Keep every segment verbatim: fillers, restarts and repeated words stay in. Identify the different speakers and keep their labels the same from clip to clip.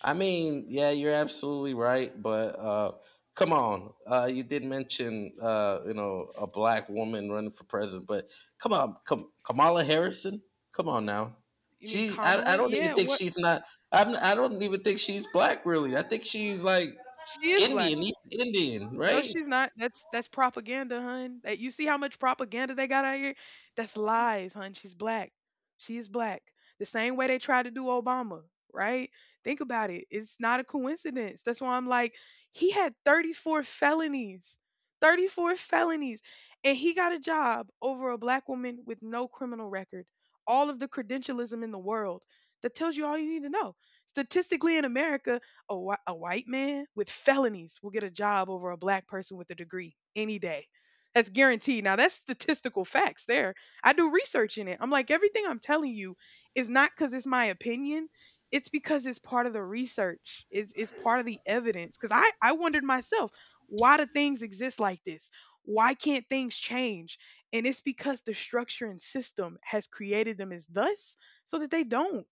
Speaker 1: I mean, yeah, you're absolutely right, but uh, come on, uh, you did mention, uh, you know a black woman running for president. But come on, Kam- Kamala Harrison. Come on now.
Speaker 2: You mean
Speaker 1: She. I, I
Speaker 2: Kamala?
Speaker 1: don't even
Speaker 2: Yeah,
Speaker 1: think
Speaker 2: what?
Speaker 1: she's not. I'm. I don't even think she's black really. I think she's like
Speaker 2: She is black.
Speaker 1: Indian, East Indian,
Speaker 2: No,
Speaker 1: right?
Speaker 2: she's not. That's that's propaganda, hun. That you see how much propaganda they got out here? That's lies, hun. She's black. She is black. The same way they tried to do Obama, right? Think about it. It's not a coincidence. That's why I'm like, he had thirty-four felonies. thirty-four felonies. And he got a job over a black woman with no criminal record. All of the credentialism in the world. That tells you all you need to know statistically in America, a, whi- a white man with felonies will get a job over a black person with a degree any day. That's guaranteed. Now, that's statistical facts there. I do research in it. I'm like, everything I'm telling you is not because it's my opinion. It's because it's part of the research. It's, it's part of the evidence. Because I, I wondered myself, why do things exist like this? Why can't things change? And it's because the structure and system has created them as thus so that they don't.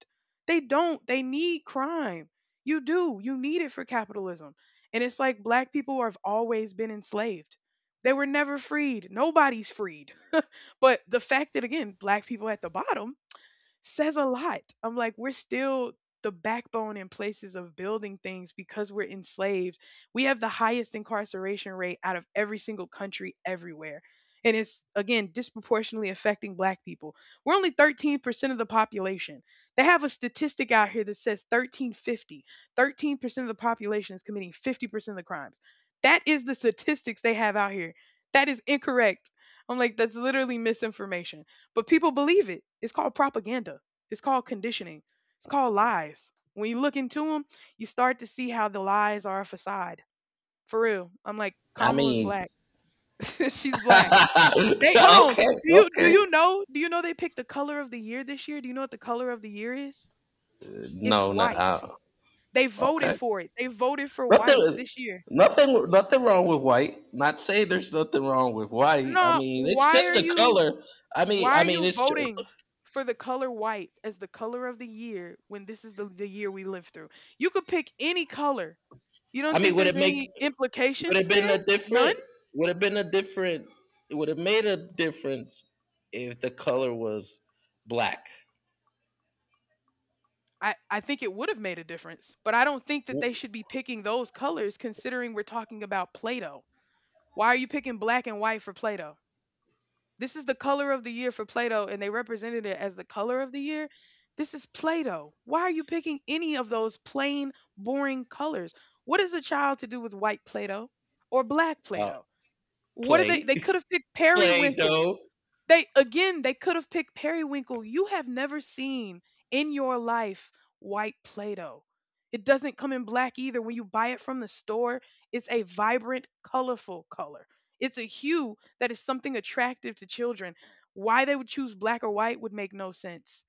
Speaker 2: They don't. They need crime. You do. You need it for capitalism. And it's like black people have always been enslaved. They were never freed. Nobody's freed. But the fact that, again, black people at the bottom says a lot. I'm like, we're still the backbone in places of building things because we're enslaved. We have the highest incarceration rate out of every single country everywhere. And it's again disproportionately affecting black people. We're only thirteen percent of the population. They have a statistic out here that says thirteen fifty. thirteen percent of the population is committing fifty percent of the crimes. That is the statistics they have out here. That is incorrect. I'm like, that's literally misinformation. But people believe it. It's called propaganda. It's called conditioning. It's called lies. When you look into them, you start to see how the lies are a facade. For real. I'm like,
Speaker 1: I
Speaker 2: Kamala's
Speaker 1: mean.
Speaker 2: black. She's black. They hold on.
Speaker 1: Okay,
Speaker 2: Do you do
Speaker 1: okay.
Speaker 2: you know? Do you know they picked the color of the year this year? Do you know what the color of the year is? It's
Speaker 1: No, not.
Speaker 2: white.
Speaker 1: Uh,
Speaker 2: They voted
Speaker 1: okay.
Speaker 2: for it. They voted for white
Speaker 1: Nothing,
Speaker 2: this year.
Speaker 1: nothing, nothing wrong with white. Not saying there's nothing wrong with white. I
Speaker 2: No,
Speaker 1: mean, it's
Speaker 2: why
Speaker 1: just
Speaker 2: are
Speaker 1: the
Speaker 2: you?
Speaker 1: color. I mean,
Speaker 2: Why are
Speaker 1: I mean,
Speaker 2: you
Speaker 1: it's. ju-
Speaker 2: voting for the color white as the color of the year when this is the, the year we live through? You could pick any color. You
Speaker 1: I
Speaker 2: don't
Speaker 1: mean,
Speaker 2: think
Speaker 1: would
Speaker 2: there's
Speaker 1: it
Speaker 2: any
Speaker 1: make? Would
Speaker 2: implications
Speaker 1: it been a
Speaker 2: there? None?
Speaker 1: different? Would it been a different? Would it made a difference if the color was black?
Speaker 2: I, I think it would have made a difference, but I don't think that they should be picking those colors considering we're talking about Play Doh. Why are you picking black and white for Play Doh? This is the color of the year for Plato, and they represented it as the color of the year. This is Plato. Why are you picking any of those plain, boring colors? What is a child to do with white Plato or black
Speaker 1: Uh,
Speaker 2: Plato? What are they?
Speaker 1: Play.
Speaker 2: They could have picked
Speaker 1: Play
Speaker 2: periwinkle.
Speaker 1: though.
Speaker 2: They again, they could have picked periwinkle. You have never seen in your life white Play-Doh. It doesn't come in black either. When you buy it from the store, it's a vibrant, colorful color. It's a hue that is something attractive to children. Why they would choose black or white would make no sense.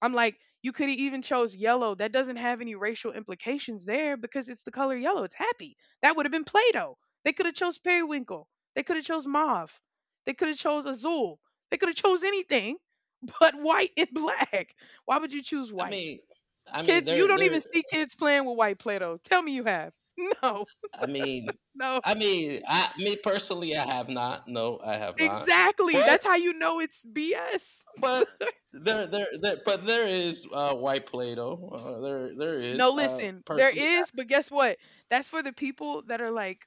Speaker 2: I'm like, you could have even chose yellow. That doesn't have any racial implications there because it's the color yellow. It's happy. That would have been Play-Doh. They could have chose periwinkle. They could have chose mauve. They could have chose azul. They could have chose anything but white and black. Why would you choose
Speaker 1: I
Speaker 2: white?
Speaker 1: mean, I mean,
Speaker 2: Kids, you
Speaker 1: they're
Speaker 2: don't even
Speaker 1: they're.
Speaker 2: see kids playing with white Play-Doh. Tell me you have. No,
Speaker 1: I mean,
Speaker 2: no,
Speaker 1: I mean, I me personally, I have not. No, I have not.
Speaker 2: exactly.
Speaker 1: But
Speaker 2: That's how you know it's B S.
Speaker 1: but there, there, there but there is uh, white Play-Doh. Uh, there, there
Speaker 2: No,
Speaker 1: is. Uh,
Speaker 2: listen, there
Speaker 1: personally,
Speaker 2: is, but guess what? That's for the people that are like,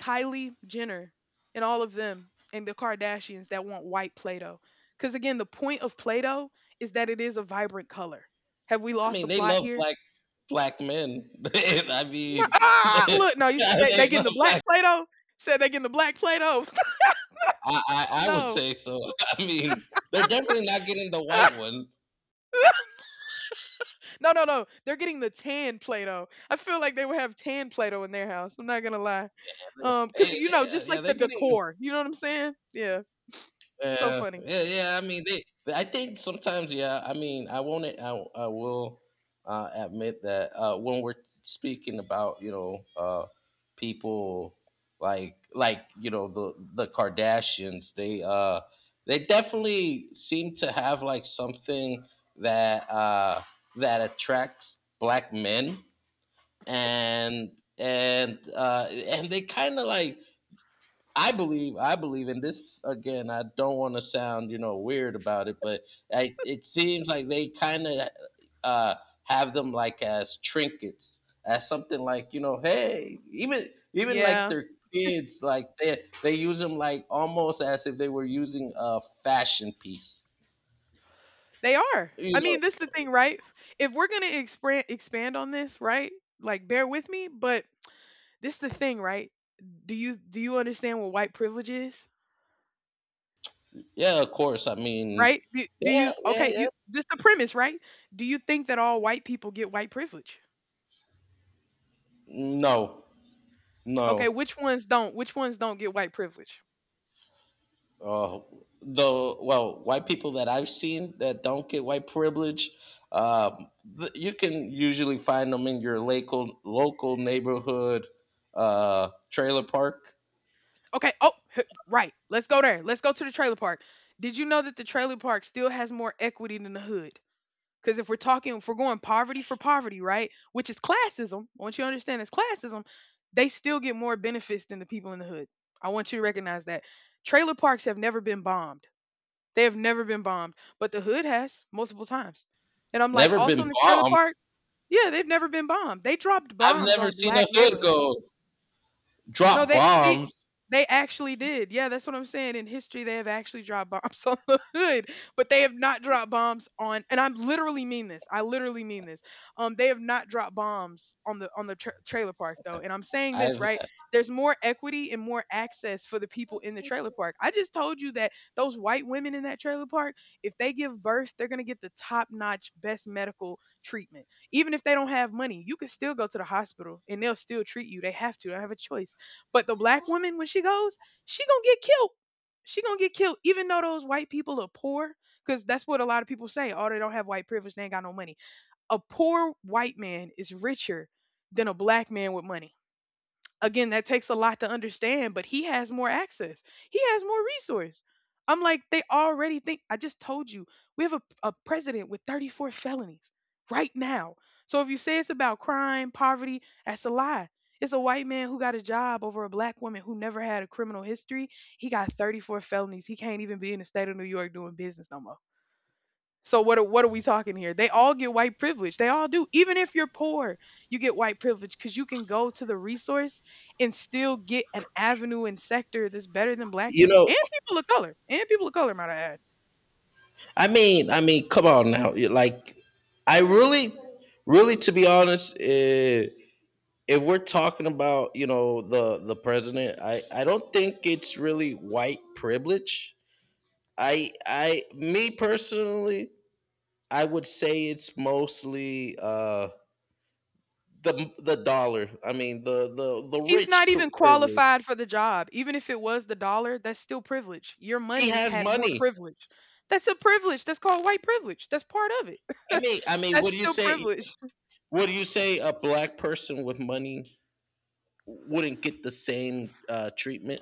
Speaker 2: Kylie Jenner and all of them and the Kardashians that want white Play-Doh. Because again, the point of Play-Doh is that it is a vibrant color. Have we
Speaker 1: I
Speaker 2: lost the
Speaker 1: mean, they
Speaker 2: plot
Speaker 1: love
Speaker 2: here?
Speaker 1: black black men. I
Speaker 2: No,
Speaker 1: mean,
Speaker 2: ah, look, no, you said they, they
Speaker 1: they
Speaker 2: getting
Speaker 1: love
Speaker 2: the black
Speaker 1: black.
Speaker 2: Play-Doh? Said they getting the black Play-Doh?
Speaker 1: I, I, I would
Speaker 2: No.
Speaker 1: say so. I mean, they're definitely not getting the white one.
Speaker 2: No, no, no. They're getting the tan Play-Doh. I feel like they would have tan Play-Doh in their house. I'm not going to lie. Um, Because,
Speaker 1: Eh,
Speaker 2: you know, just
Speaker 1: they-
Speaker 2: like
Speaker 1: yeah, they're
Speaker 2: the
Speaker 1: getting.
Speaker 2: decor. You know what I'm saying? Yeah. So
Speaker 1: Yeah,
Speaker 2: funny.
Speaker 1: yeah, yeah. I mean, they, I think sometimes, yeah. I mean, I won't. I. I will uh, admit that uh, when we're speaking about, you know uh, people, like like you know the the Kardashians, they uh they definitely seem to have like something that uh that attracts black men, and and uh and they kind of, like, I believe I believe in this. Again, I don't want to sound, you know weird about it, but I, it seems like they kind of uh, have them like as trinkets, as something like, you know, hey, even even like
Speaker 2: Yeah.
Speaker 1: their kids, like they they use them like almost as if they were using a fashion piece.
Speaker 2: They are.
Speaker 1: You
Speaker 2: I mean,
Speaker 1: know,
Speaker 2: this is the thing, right? If we're gonna expand expand on this, right? Like, bear with me, but this is the thing, right? Do you do you understand what white privilege is?
Speaker 1: yeah, of course. I mean,
Speaker 2: Right? Do, do you
Speaker 1: yeah, yeah,
Speaker 2: okay? You
Speaker 1: yeah.
Speaker 2: this the premise, right? Do you think that all white people get white privilege?
Speaker 1: No, no.
Speaker 2: Okay, which ones don't? Which ones don't get white privilege?
Speaker 1: Uh, the well, white people that I've seen that don't get white privilege, um, th- you can usually find them in your local local neighborhood, uh, trailer park.
Speaker 2: Okay. Oh, h- right. Let's go there. Let's go to the trailer park. Did you know that the trailer park still has more equity than the hood? Because if we're talking, if we're going poverty for poverty, right, which is classism, I want you to understand it's classism, they still get more benefits than the people in the hood. I want you to recognize that. Trailer parks have never been bombed. They have never been bombed, but the hood has multiple times. And I'm like,
Speaker 1: Never
Speaker 2: also in
Speaker 1: been
Speaker 2: the trailer
Speaker 1: bombed.
Speaker 2: park, yeah, they've never been bombed. They dropped
Speaker 1: I've
Speaker 2: bombs
Speaker 1: never
Speaker 2: on
Speaker 1: seen a
Speaker 2: black
Speaker 1: hood
Speaker 2: neighborhoods.
Speaker 1: go
Speaker 2: No,
Speaker 1: drop
Speaker 2: they see,
Speaker 1: bombs.
Speaker 2: they actually did. Yeah, that's what I'm saying. In history, they have actually dropped bombs on the hood, but they have not dropped bombs on. And I literally mean this. I literally mean this. Um, they have not dropped bombs on the on the tra- trailer park though. And I'm saying this
Speaker 1: I've.
Speaker 2: right. There's more equity and more access for the people in the trailer park. I just told you that those white women in that trailer park, if they give birth, they're gonna get the top notch, best medical treatment. Even if they don't have money, you can still go to the hospital and they'll still treat you. They have to. They don't have a choice but the black woman, when she goes, she gonna get killed. She gonna get killed, even though those white people are poor. Because that's what a lot of people say. Oh, they don't have white privilege. They ain't got no money. A poor white man is richer than a black man with money. Again, that takes a lot to understand, but he has more access, he has more resource. I'm like, they already think, I just told you, we have a, a president with thirty-four felonies right now. So if you say it's about crime poverty, that's a lie. It's a white man who got a job over a black woman who never had a criminal history. He got thirty-four felonies. He can't even be in the state of New York doing business no more. So what are, what are we talking here? They all get white privilege. They all do. Even if you're poor, you get white privilege cuz you can go to the resource and still get an avenue and sector that's better than black
Speaker 1: you
Speaker 2: people and
Speaker 1: know,
Speaker 2: people of color. And people of color, might I add.
Speaker 1: I mean, I mean, come on now. Like, I really, really, to be honest, uh, if we're talking about, you know the the president, i i don't think it's really white privilege. I i me personally, I would say it's mostly uh the the dollar. I mean, the the the
Speaker 2: He's
Speaker 1: rich
Speaker 2: not
Speaker 1: pri
Speaker 2: even
Speaker 1: privilege.
Speaker 2: qualified for the job. Even if it was the dollar, that's still privilege. Your
Speaker 1: He
Speaker 2: money
Speaker 1: has
Speaker 2: had more
Speaker 1: money.
Speaker 2: privilege. That's a privilege. That's called white privilege. That's part of it.
Speaker 1: i mean i mean
Speaker 2: That's
Speaker 1: what do you
Speaker 2: still
Speaker 1: say?
Speaker 2: privilege.
Speaker 1: What do you say a black person with money wouldn't get the same uh treatment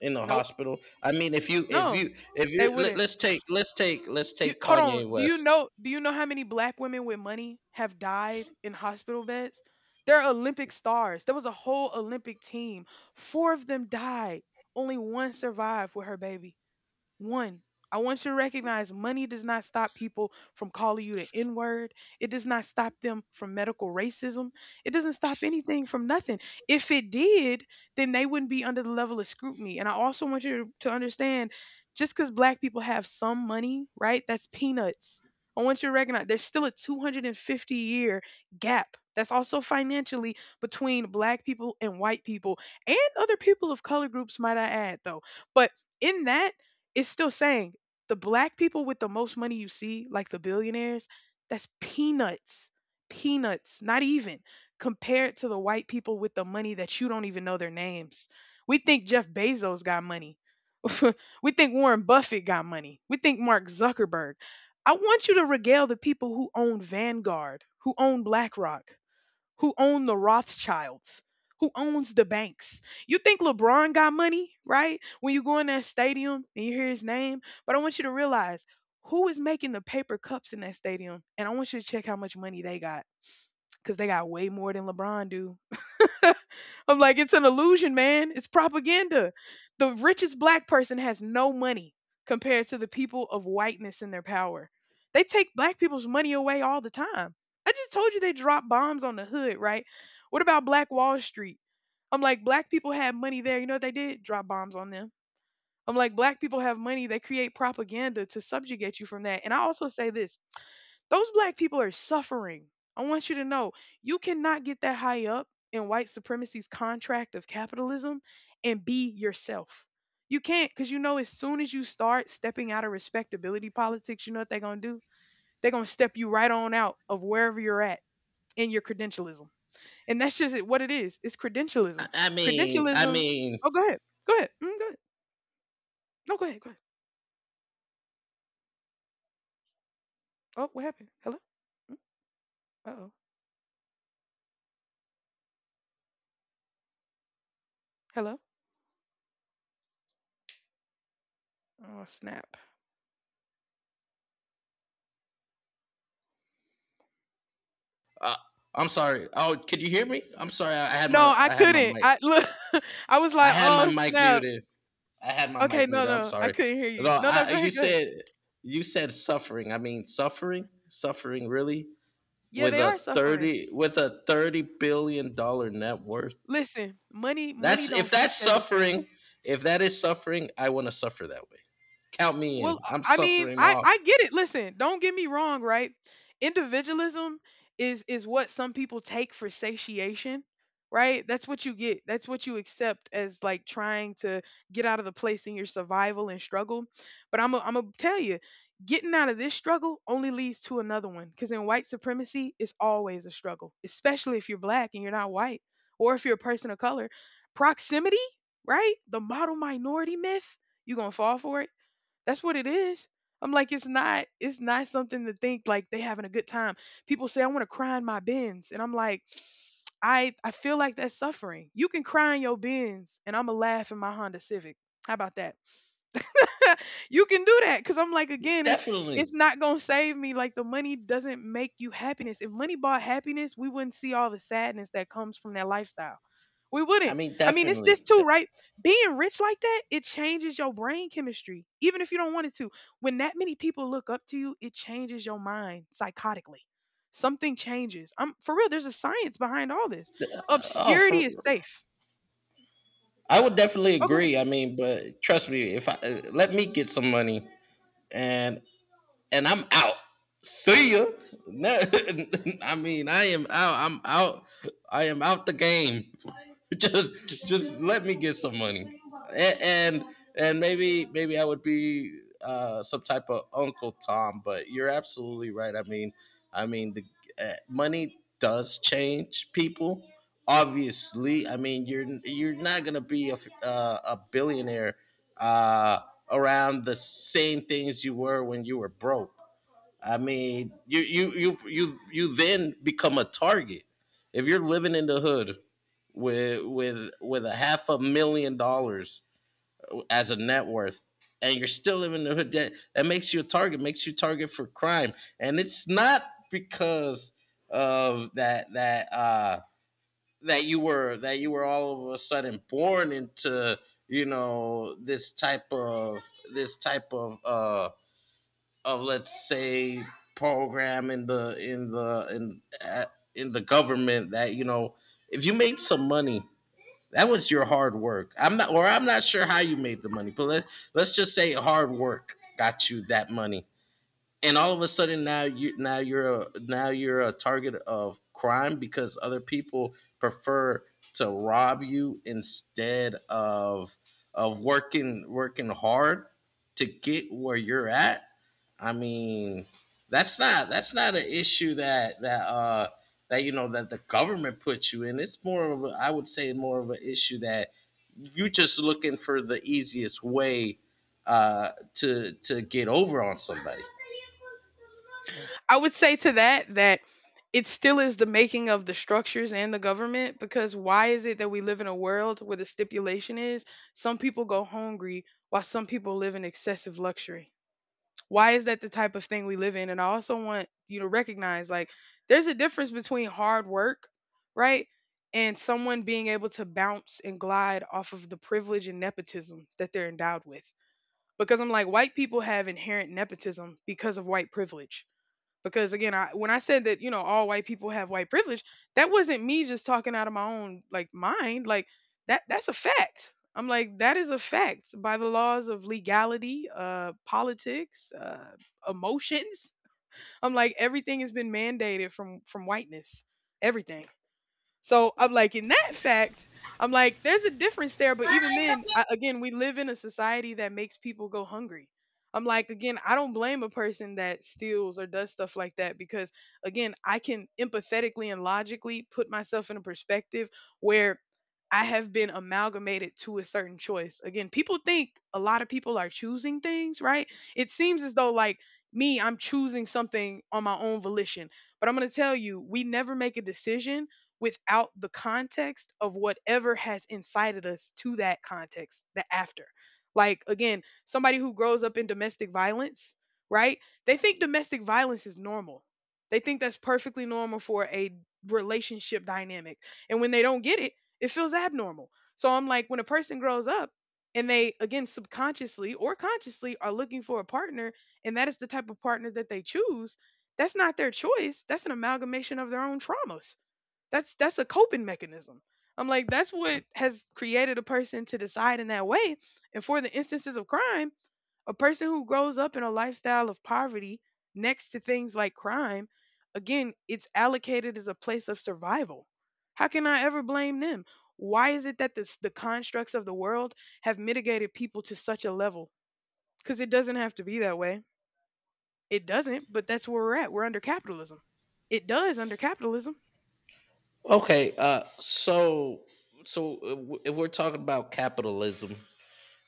Speaker 1: in the
Speaker 2: Nope.
Speaker 1: hospital? I mean, if you, if
Speaker 2: No.
Speaker 1: you if
Speaker 2: They
Speaker 1: you let,
Speaker 2: wouldn't.
Speaker 1: let's take let's take let's
Speaker 2: You
Speaker 1: take
Speaker 2: hold on.
Speaker 1: Kanye
Speaker 2: Do you
Speaker 1: West.
Speaker 2: know do you know how many black women with money have died in hospital beds? They're Olympic stars. There was a whole Olympic team. Four of them died. Only one survived with her baby. One, I want you to recognize money does not stop people from calling you the N word. It does not stop them from medical racism. It doesn't stop anything from nothing. If it did, then they wouldn't be under the level of scrutiny. And I also want you to understand just because black people have some money, right? That's peanuts. I want you to recognize there's still a two hundred fifty year gap. That's also financially between black people and white people and other people of color groups, might I add, though. But in that, it's still saying the black people with the most money you see, like the billionaires, that's peanuts. Peanuts, not even compared to the white people with the money that you don't even know their names. We think Jeff Bezos got money. We think Warren Buffett got money. We think Mark Zuckerberg. I want you to regale the people who own Vanguard, who own BlackRock, who own the Rothschilds, who owns the banks. You think LeBron got money, right? When you go in that stadium and you hear his name, but I want you to realize who is making the paper cups in that stadium, and I want you to check how much money they got because they got way more than LeBron do. I'm like, it's an illusion, man. It's propaganda. The richest black person has no money compared to the people of whiteness in their power. They take black people's money away all the time. I just told you they drop bombs on the hood, right? What about Black Wall Street? I'm like, black people had money there. You know what they did? Drop bombs on them. I'm like, black people have money. They create propaganda to subjugate you from that. And I also say this, those black people are suffering. I want you to know you cannot get that high up in white supremacy's contract of capitalism and be yourself. You can't, because you know, as soon as you start stepping out of respectability politics, you know what they're going to do? They're going to step you right on out of wherever you're at in your credentialism. And that's just it- what it is. It's credentialism.
Speaker 1: I, I mean, I
Speaker 2: Credentialism.
Speaker 1: mean,
Speaker 2: Oh, go ahead. Go ahead. Mm, go ahead. No, go ahead. Go ahead. Oh, what happened? Hello? Mm, Uh-oh. Hello? Oh, snap.
Speaker 1: uh, I'm sorry. Oh, could you hear me? I'm sorry. I, I had
Speaker 2: No,
Speaker 1: my
Speaker 2: I
Speaker 1: I had my
Speaker 2: couldn't.
Speaker 1: mic.
Speaker 2: I look, I was
Speaker 1: I
Speaker 2: like,
Speaker 1: had my
Speaker 2: "Oh
Speaker 1: mic
Speaker 2: snap!"
Speaker 1: muted. I had my
Speaker 2: Okay,
Speaker 1: mic
Speaker 2: no,
Speaker 1: muted. I'm
Speaker 2: no, I
Speaker 1: sorry.
Speaker 2: couldn't hear
Speaker 1: No,
Speaker 2: you. No, no,
Speaker 1: I
Speaker 2: go
Speaker 1: you
Speaker 2: ahead, go ahead.
Speaker 1: said, you said suffering. I mean, suffering, suffering really
Speaker 2: Yeah,
Speaker 1: with
Speaker 2: they are
Speaker 1: a
Speaker 2: suffering.
Speaker 1: thirty, with a thirty billion dollar net worth.
Speaker 2: Listen, money, money
Speaker 1: That's
Speaker 2: don't
Speaker 1: if
Speaker 2: fix
Speaker 1: that's
Speaker 2: everything.
Speaker 1: suffering, if that is suffering, I want to suffer that way. Count me
Speaker 2: Well,
Speaker 1: in.
Speaker 2: uh,
Speaker 1: I'm
Speaker 2: I mean,
Speaker 1: suffering
Speaker 2: I
Speaker 1: off.
Speaker 2: I get it. Listen, don't get me wrong, right? Individualism is is what some people take for satiation, right? That's what you get. That's what you accept as like trying to get out of the place in your survival and struggle. But I'm i I'm gonna tell you, getting out of this struggle only leads to another one. Because in white supremacy, it's always a struggle, especially if you're black and you're not white, or if you're a person of color. Proximity, right? The model minority myth. You gonna fall for it? That's what it is. I'm like, it's not, it's not something to think like they having a good time. People say, I want to cry in my bins. And I'm like, I I feel like that's suffering. You can cry in your bins and I'ma laugh in my Honda Civic. How about that? You can do that because I'm like, again, it's it's
Speaker 1: Definitely.
Speaker 2: not gonna save me. Like, the money doesn't make you happiness. If money bought happiness, we wouldn't see all the sadness that comes from that lifestyle. We
Speaker 1: I
Speaker 2: wouldn't.
Speaker 1: mean,
Speaker 2: I mean, it's this
Speaker 1: definitely.
Speaker 2: too,
Speaker 1: De-
Speaker 2: right? Being rich like that, it changes your brain chemistry even if you don't want it to. When that many people look up to you, it changes your mind psychotically. Something changes. I'm for real, there's a science behind all this.
Speaker 1: Oh,
Speaker 2: Obscurity
Speaker 1: for.
Speaker 2: is safe.
Speaker 1: I would definitely
Speaker 2: Oh, go ahead.
Speaker 1: agree. I mean, but trust me, if I let me get some money, and and I'm out. See ya. I mean, I am out. I'm out. I am out the game. just just let me get some money, and and, and maybe maybe I would be uh, some type of Uncle Tom. But you're absolutely right. I mean, I mean the uh, money does change people. Obviously, I mean, you're you're not gonna be a uh, a billionaire, uh, around the same things you were when you were broke. I mean, you you you you you then become a target. If you're living in the hood with with with a half a million dollars as a net worth, and you're still living in the hood, that, that makes you a target, makes you target for crime. And it's not because of that that uh that you were that you were all of a sudden born into, you know this type of, this type of uh of let's say, program in the, in the in uh, in the government. That you know if you made some money, that was your hard work. I'm not, or I'm not sure how you made the money, but let, let's just say hard work got you that money. And all of a sudden, now you now you're a now you're a target of crime, because other people prefer to rob you instead of of working working hard to get where you're at. I mean, that's not. That's not an issue that that uh that you know that the government puts you in. It's more of a, I would say, more of an issue that you are just looking for the easiest way uh to to get over on somebody.
Speaker 2: I would say to that that it still is the making of the structures and the government, because why is it that we live in a world where the stipulation is some people go hungry while some people live in excessive luxury? Why is that the type of thing we live in? And I also want you to recognize, like, there's a difference between hard work, right? And someone being able to bounce and glide off of the privilege and nepotism that they're endowed with. Because I'm like, white people have inherent nepotism because of white privilege. Because, again, I when I said that, you know, all white people have white privilege, that wasn't me just talking out of my own like mind, like, that that's a fact. I'm like, that is a fact by the laws of legality, uh politics, uh emotions. I'm like, everything has been mandated from from whiteness. Everything. So I'm like, in that fact, I'm like, there's a difference there. But even then, I, again, we live in a society that makes people go hungry. I'm like, again, I don't blame a person that steals or does stuff like that because, again, I can empathetically and logically put myself in a perspective where I have been amalgamated to a certain choice. Again, people think a lot of people are choosing things, right? It seems as though, like, me, I'm choosing something on my own volition. But I'm going to tell you, we never make a decision without the context of whatever has incited us to that context, the after. Like, again, somebody who grows up in domestic violence, right? They think domestic violence is normal. They think that's perfectly normal for a relationship dynamic. And when they don't get it, it feels abnormal. So I'm like, when a person grows up and they, again, subconsciously or consciously are looking for a partner, and that is the type of partner that they choose, that's not their choice. That's an amalgamation of their own traumas. That's that's a coping mechanism. I'm like, that's what has created a person to decide in that way. And for the instances of crime, a person who grows up in a lifestyle of poverty next to things like crime, again, it's allocated as a place of survival. How can I ever blame them? Why is it that this, the constructs of the world have mitigated people to such a level? Because it doesn't have to be that way. It doesn't, but that's where we're at. We're under capitalism. It does under capitalism.
Speaker 1: Okay, uh, so, so uh, w- if we're talking about capitalism,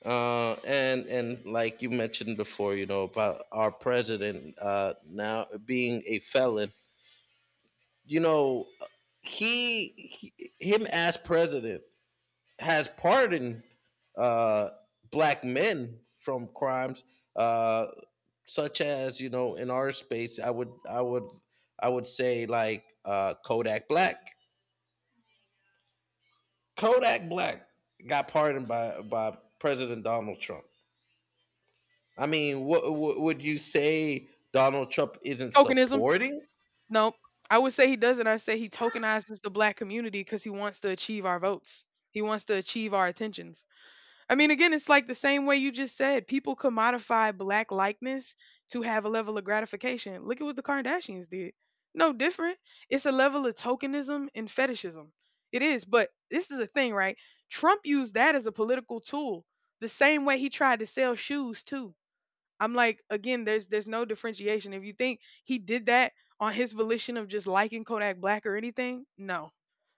Speaker 1: uh, and and like you mentioned before, you know, about our president, uh, now being a felon. You know, he, he, him as president, has pardoned, uh, black men from crimes, uh, such as, you know in our space. I would I would I would say, like, uh, Kodak Black Kodak Black got pardoned by by President Donald Trump. I mean, what, what would you say Donald Trump isn't
Speaker 2: Tokenism?
Speaker 1: supporting?
Speaker 2: No, I would say he doesn't. I say he tokenizes the black community because he wants to achieve our votes. He wants to achieve our attentions. I mean, again, it's like the same way you just said. People commodify black likeness to have a level of gratification. Look at what the Kardashians did. No different. It's a level of tokenism and fetishism. It is, but this is a thing, right? Trump used that as a political tool. The same way he tried to sell shoes too. I'm like, again, there's there's no differentiation. If you think he did that on his volition of just liking Kodak Black or anything, no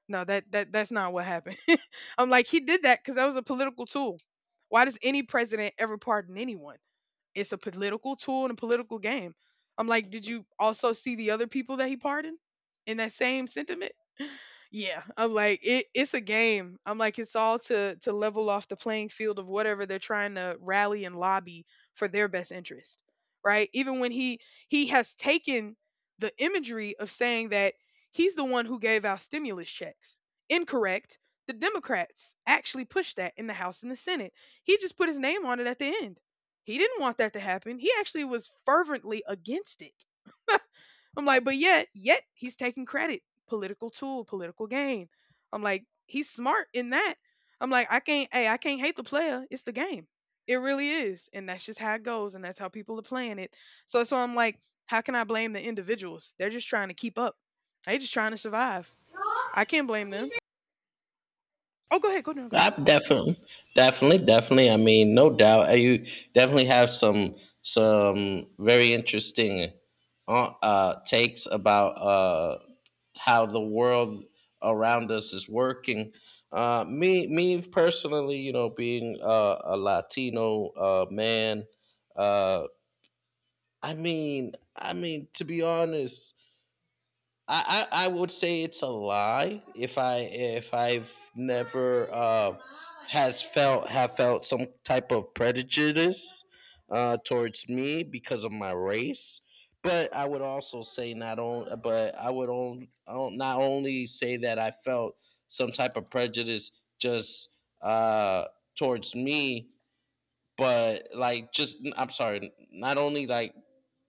Speaker 2: no, that that that's not what happened. I'm like, he did that because that was a political tool. Why does any president ever pardon anyone? It's a political tool and a political game. I'm like, did you also see the other people that he pardoned in that same sentiment? Yeah, I'm like it, it's a game. I'm like it's all to to level off the playing field of whatever they're trying to rally and lobby for their best interest, right? Even when he he has taken the imagery of saying that he's the one who gave out stimulus checks. Incorrect. The Democrats actually pushed that in the House and the Senate. He just put his name on it at the end. He didn't want that to happen. He actually was fervently against it. I'm like, but yet, yet he's taking credit, political tool, political gain. I'm like, he's smart in that. I'm like, I can't, hey, I can't hate the player. It's the game. It really is, and that's just how it goes, and that's how people are playing it. So, so I'm like, how can I blame the individuals? They're just trying to keep up. They're just trying to survive. I can't blame them. Oh, go ahead, go No, go
Speaker 1: I
Speaker 2: ahead.
Speaker 1: definitely, definitely, definitely. I mean, no doubt. uh, You definitely have some some very interesting, uh, uh, takes about, uh, how the world around us is working. Uh, me, me personally, you know, being uh, a Latino, uh, man, uh, I mean, I mean to be honest, I, I I would say it's a lie if I if I've never, uh, has felt have felt some type of prejudice, uh, towards me because of my race. But I would also say not on, but I would, on, on not only say that I felt some type of prejudice, just, uh, towards me, but like, just, I'm sorry, not only like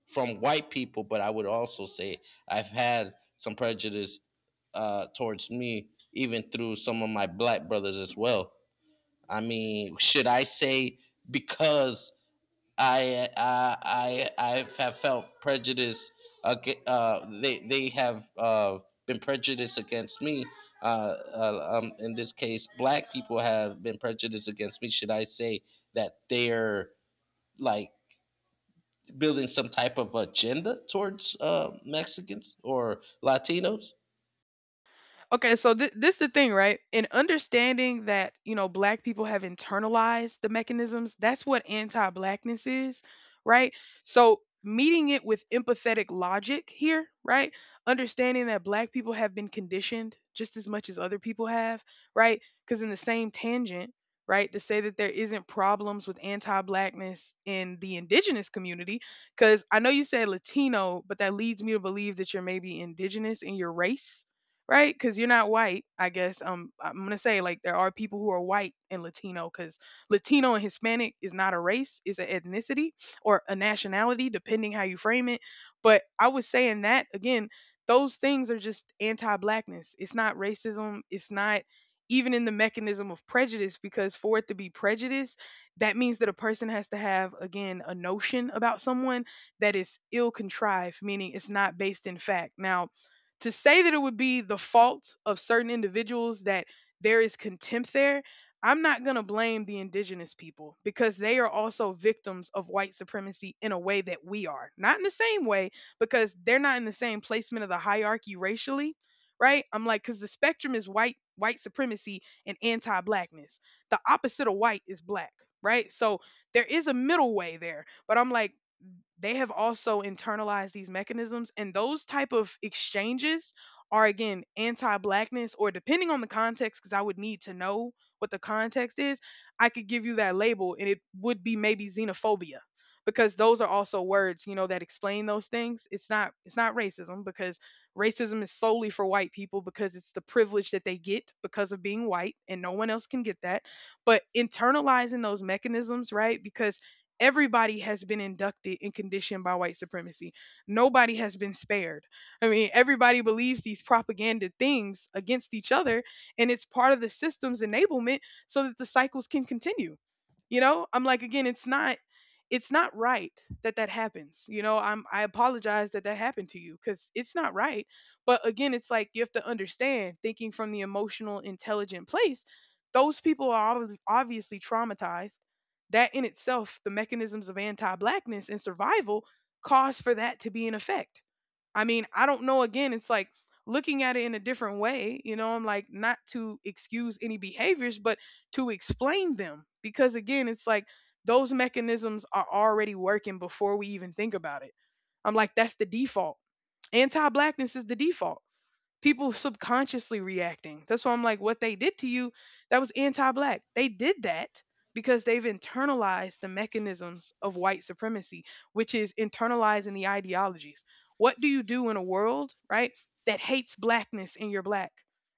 Speaker 1: from white people, but I would also say I've had some prejudice, uh, towards me, even through some of my black brothers as well. I mean, should I say because I I I, I have felt prejudice? aga- Uh, they they have uh, been prejudiced against me. Uh, uh, um, in this case, black people have been prejudiced against me. Should I say that they're, like, building some type of agenda towards, uh, Mexicans or Latinos?
Speaker 2: Okay, so th- this the thing, right? In understanding that, you know, black people have internalized the mechanisms, that's what anti-blackness is, right? So meeting it with empathetic logic here, right? Understanding that black people have been conditioned just as much as other people have, right? Because in the same tangent, right, to say that there isn't problems with anti-blackness in the indigenous community, because I know you said Latino, but that leads me to believe that you're maybe indigenous in your race, right? Because you're not white, I guess. Um, I'm gonna say like there are people who are white and Latino, because Latino and Hispanic is not a race, it's an ethnicity or a nationality, depending how you frame it. But I was saying that again, those things are just anti-blackness. It's not racism. It's not even in the mechanism of prejudice, because for it to be prejudice, that means that a person has to have again a notion about someone that is ill contrived, meaning it's not based in fact. Now to say that it would be the fault of certain individuals that there is contempt there, I'm not going to blame the indigenous people because they are also victims of white supremacy in a way that we are. Not in the same way because they're not in the same placement of the hierarchy racially, right? I'm like cuz the spectrum is white white supremacy and anti-blackness. The opposite of white is black, right? So there is a middle way there, but I'm like they have also internalized these mechanisms and those type of exchanges are again anti-blackness or depending on the context because I would need to know what the context is. I could give you that label and it would be maybe xenophobia because those are also words, you know, that explain those things. It's not it's not racism because racism is solely for white people because it's the privilege that they get because of being white and no one else can get that, but internalizing those mechanisms, right? Because everybody has been inducted and conditioned by white supremacy. Nobody has been spared. I mean, everybody believes these propaganda things against each other, and it's part of the system's enablement so that the cycles can continue. you know I'm like, again, it's not, it's not right that that happens. you know I'm, I apologize that that happened to you because it's not right. But again, it's like you have to understand, thinking from the emotional intelligent place, those people are obvi- obviously traumatized. That in itself, the mechanisms of anti-blackness and survival, cause for that to be in effect. I mean, I don't know. Again, it's like looking at it in a different way. You know, I'm like, not to excuse any behaviors, but to explain them. Because again, it's like those mechanisms are already working before we even think about it. I'm like, that's the default. Anti blackness is the default, people subconsciously reacting. That's why I'm like, what they did to you, that was anti black. They did that because they've internalized the mechanisms of white supremacy, which is internalizing the ideologies. What do you do in a world, right, that hates blackness and you're black?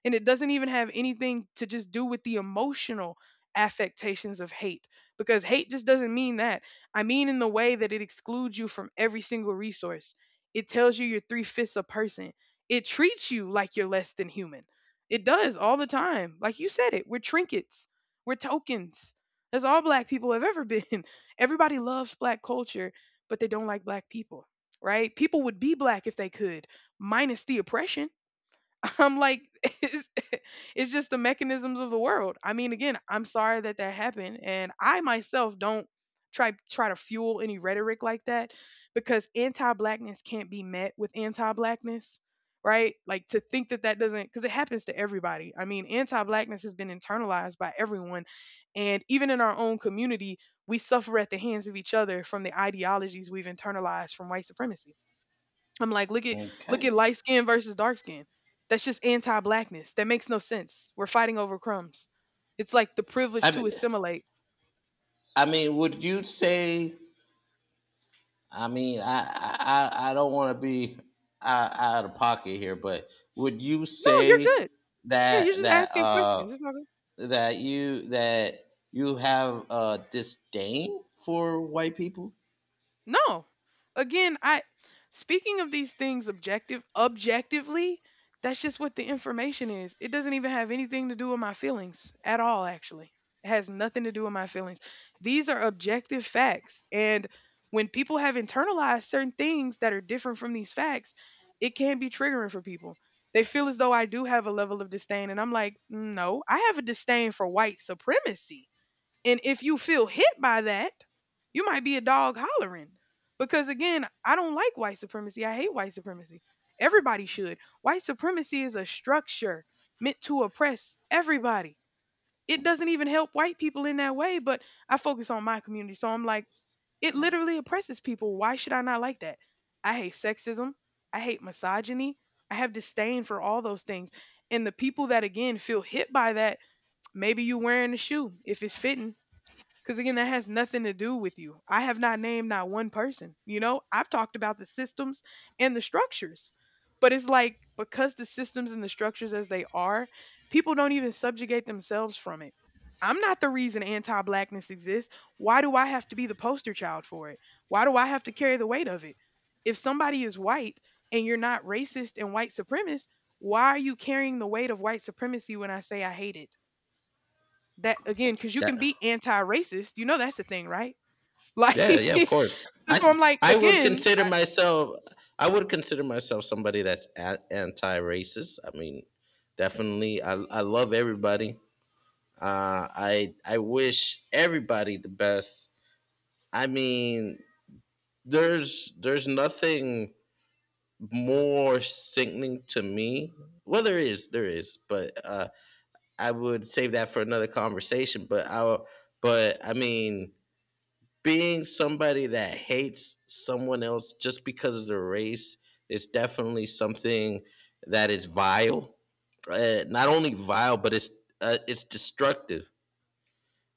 Speaker 2: And it doesn't even have anything to just do with the emotional affectations of hate because hate just doesn't mean that. I mean, in the way that it excludes you from every single resource, it tells you you're three fifths a person, it treats you like you're less than human. It does all the time. Like you said it, we're trinkets. We're tokens. That's all black people have ever been. Everybody loves black culture, but they don't like black people, right? People would be black if they could, minus the oppression. I'm like, it's, it's just the mechanisms of the world. I mean, again, I'm sorry that that happened, and I myself don't try try to fuel any rhetoric like that because anti-blackness can't be met with anti-blackness, right? Like to think that that doesn't, because it happens to everybody. I mean, anti-blackness has been internalized by everyone, and even in our own community, we suffer at the hands of each other from the ideologies we've internalized from white supremacy. I'm like, look at look
Speaker 1: Okay.
Speaker 2: at light skin versus dark skin. That's just anti-blackness. That makes no sense. We're fighting over crumbs. It's like the privilege
Speaker 1: I
Speaker 2: to
Speaker 1: mean,
Speaker 2: assimilate.
Speaker 1: I mean, would you say? I mean, I I, I I don't want to be out, out of pocket here, but would you
Speaker 2: No, you're
Speaker 1: say
Speaker 2: good. Yeah, you're
Speaker 1: that,
Speaker 2: just
Speaker 1: that
Speaker 2: asking
Speaker 1: uh
Speaker 2: questions. It's not.
Speaker 1: that you that you have uh disdain for white people?
Speaker 2: No. Again, I, speaking of these things objective objectively, that's just what the information is. It doesn't even have anything to do with my feelings at all actually. It has nothing to do with my feelings. These are objective facts, and when people have internalized certain things that are different from these facts, it can be triggering for people. They feel as though I do have a level of disdain, and I'm like, "Mm, no, I have a disdain for white supremacy." And if you feel hit by that, you might be a dog hollering. Because again, I don't like white supremacy. I hate white supremacy. Everybody should. White supremacy is a structure meant to oppress everybody. It doesn't even help white people in that way, but I focus on my community. So I'm like, it literally oppresses people. Why should I not like that? I hate sexism. I hate misogyny. I have disdain for all those things. And the people that again feel hit by that, maybe you wearing a shoe if it's fitting, because again, that has nothing to do with you. I have not named not one person. You know, I've talked about the systems and the structures. But it's like because the systems and the structures as they are, people don't even subjugate themselves from it. I'm not the reason anti blackness exists. Why do I have to be the poster child for it? Why do I have to carry the weight of it? If somebody is white and you're not racist and white supremacist, why are you carrying the weight of white supremacy when I say I hate it? That again, because you can be anti-racist, you know, that's the thing, right? Like
Speaker 1: Yeah, yeah, of course.
Speaker 2: that's why
Speaker 1: I
Speaker 2: I'm like,
Speaker 1: I would
Speaker 2: again,
Speaker 1: consider
Speaker 2: I,
Speaker 1: myself, I would consider myself somebody that's a- anti-racist. I mean, definitely, I I love everybody. Uh I I wish everybody the best. I mean, there's there's nothing more sickening to me. Well, there is, there is, but uh I would save that for another conversation, but I but I mean, being somebody that hates someone else just because of their race is definitely something that is vile. Uh, not only vile, but it's uh, it's destructive.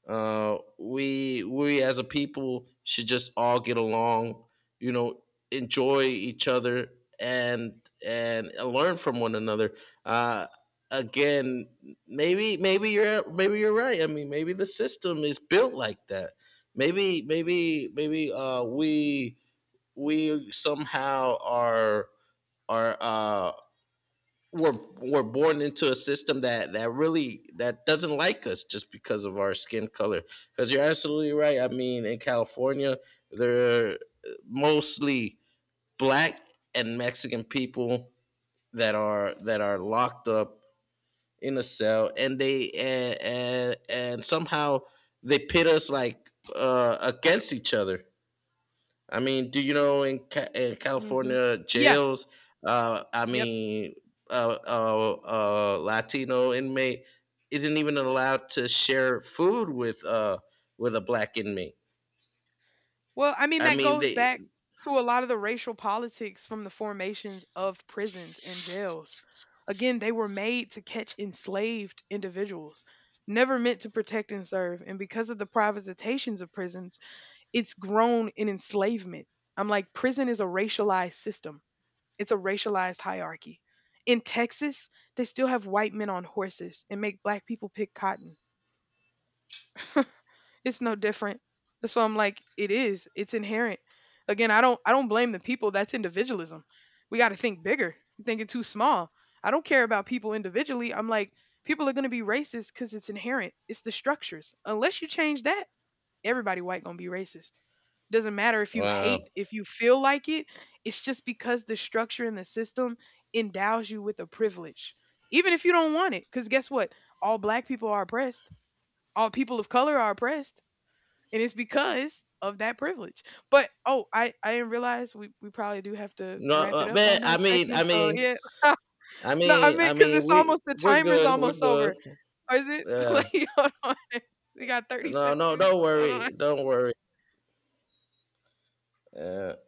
Speaker 1: Uh, we, we as a people, should just all get along. You know, enjoy each other, and and learn from one another. Uh, Again, maybe maybe you're maybe you're right. I mean, maybe the system is built like that. Maybe maybe maybe, uh, we, we somehow are, are uh, we're we're born into a system that, that really that doesn't like us just because of our skin color. Because you're absolutely right. I mean, in California, they're mostly black and Mexican people that are, that are locked up in a cell, and they, and and, and somehow they pit us, like, uh, against each other. I mean, do you know in, Ca- in
Speaker 2: hmm.
Speaker 1: California
Speaker 2: Yeah.
Speaker 1: jails? Uh, I
Speaker 2: Yep.
Speaker 1: mean, a, uh, uh, uh, Latino inmate isn't even allowed to share food with, uh, with a black inmate.
Speaker 2: Well, I mean,
Speaker 1: I
Speaker 2: that
Speaker 1: mean,
Speaker 2: goes
Speaker 1: they
Speaker 2: back to a lot of the racial politics from the formations of prisons and jails. Again, they were made to catch enslaved individuals, never meant to protect and serve, and because of the privatizations of prisons, it's grown in enslavement. I'm like, prison is a racialized system. It's a racialized hierarchy. In Texas, they still have white men on horses and make black people pick cotton. It's no different. That's why I'm like, it is. It's inherent. Again, I don't I don't blame the people. That's individualism. We gotta think bigger. You're thinking too small. I don't care about people individually. I'm like, people are gonna be racist because it's inherent. It's the structures. Unless you change that, everybody white gonna be racist. Doesn't matter if you hate,
Speaker 1: wow.
Speaker 2: if you feel like it, it's just because the structure and the system endows you with a privilege. Even if you don't want it. Because guess what? All black people are oppressed. All people of color are oppressed. And it's because of that privilege. But oh, I, I didn't realize we, we probably do have to
Speaker 1: No,
Speaker 2: wrap it
Speaker 1: uh,
Speaker 2: up
Speaker 1: man.
Speaker 2: on
Speaker 1: I
Speaker 2: that
Speaker 1: mean.
Speaker 2: second.
Speaker 1: I
Speaker 2: So
Speaker 1: mean,
Speaker 2: yeah.
Speaker 1: I
Speaker 2: No, I
Speaker 1: mean, I
Speaker 2: meant because
Speaker 1: mean,
Speaker 2: it's
Speaker 1: we
Speaker 2: almost, the
Speaker 1: we're
Speaker 2: timer's
Speaker 1: good. We're
Speaker 2: almost
Speaker 1: good.
Speaker 2: over. Or is it?
Speaker 1: Yeah.
Speaker 2: Like, hold on. We got thirty
Speaker 1: No, no,
Speaker 2: seconds.
Speaker 1: don't
Speaker 2: Hold
Speaker 1: worry.
Speaker 2: on.
Speaker 1: Don't worry. Yeah.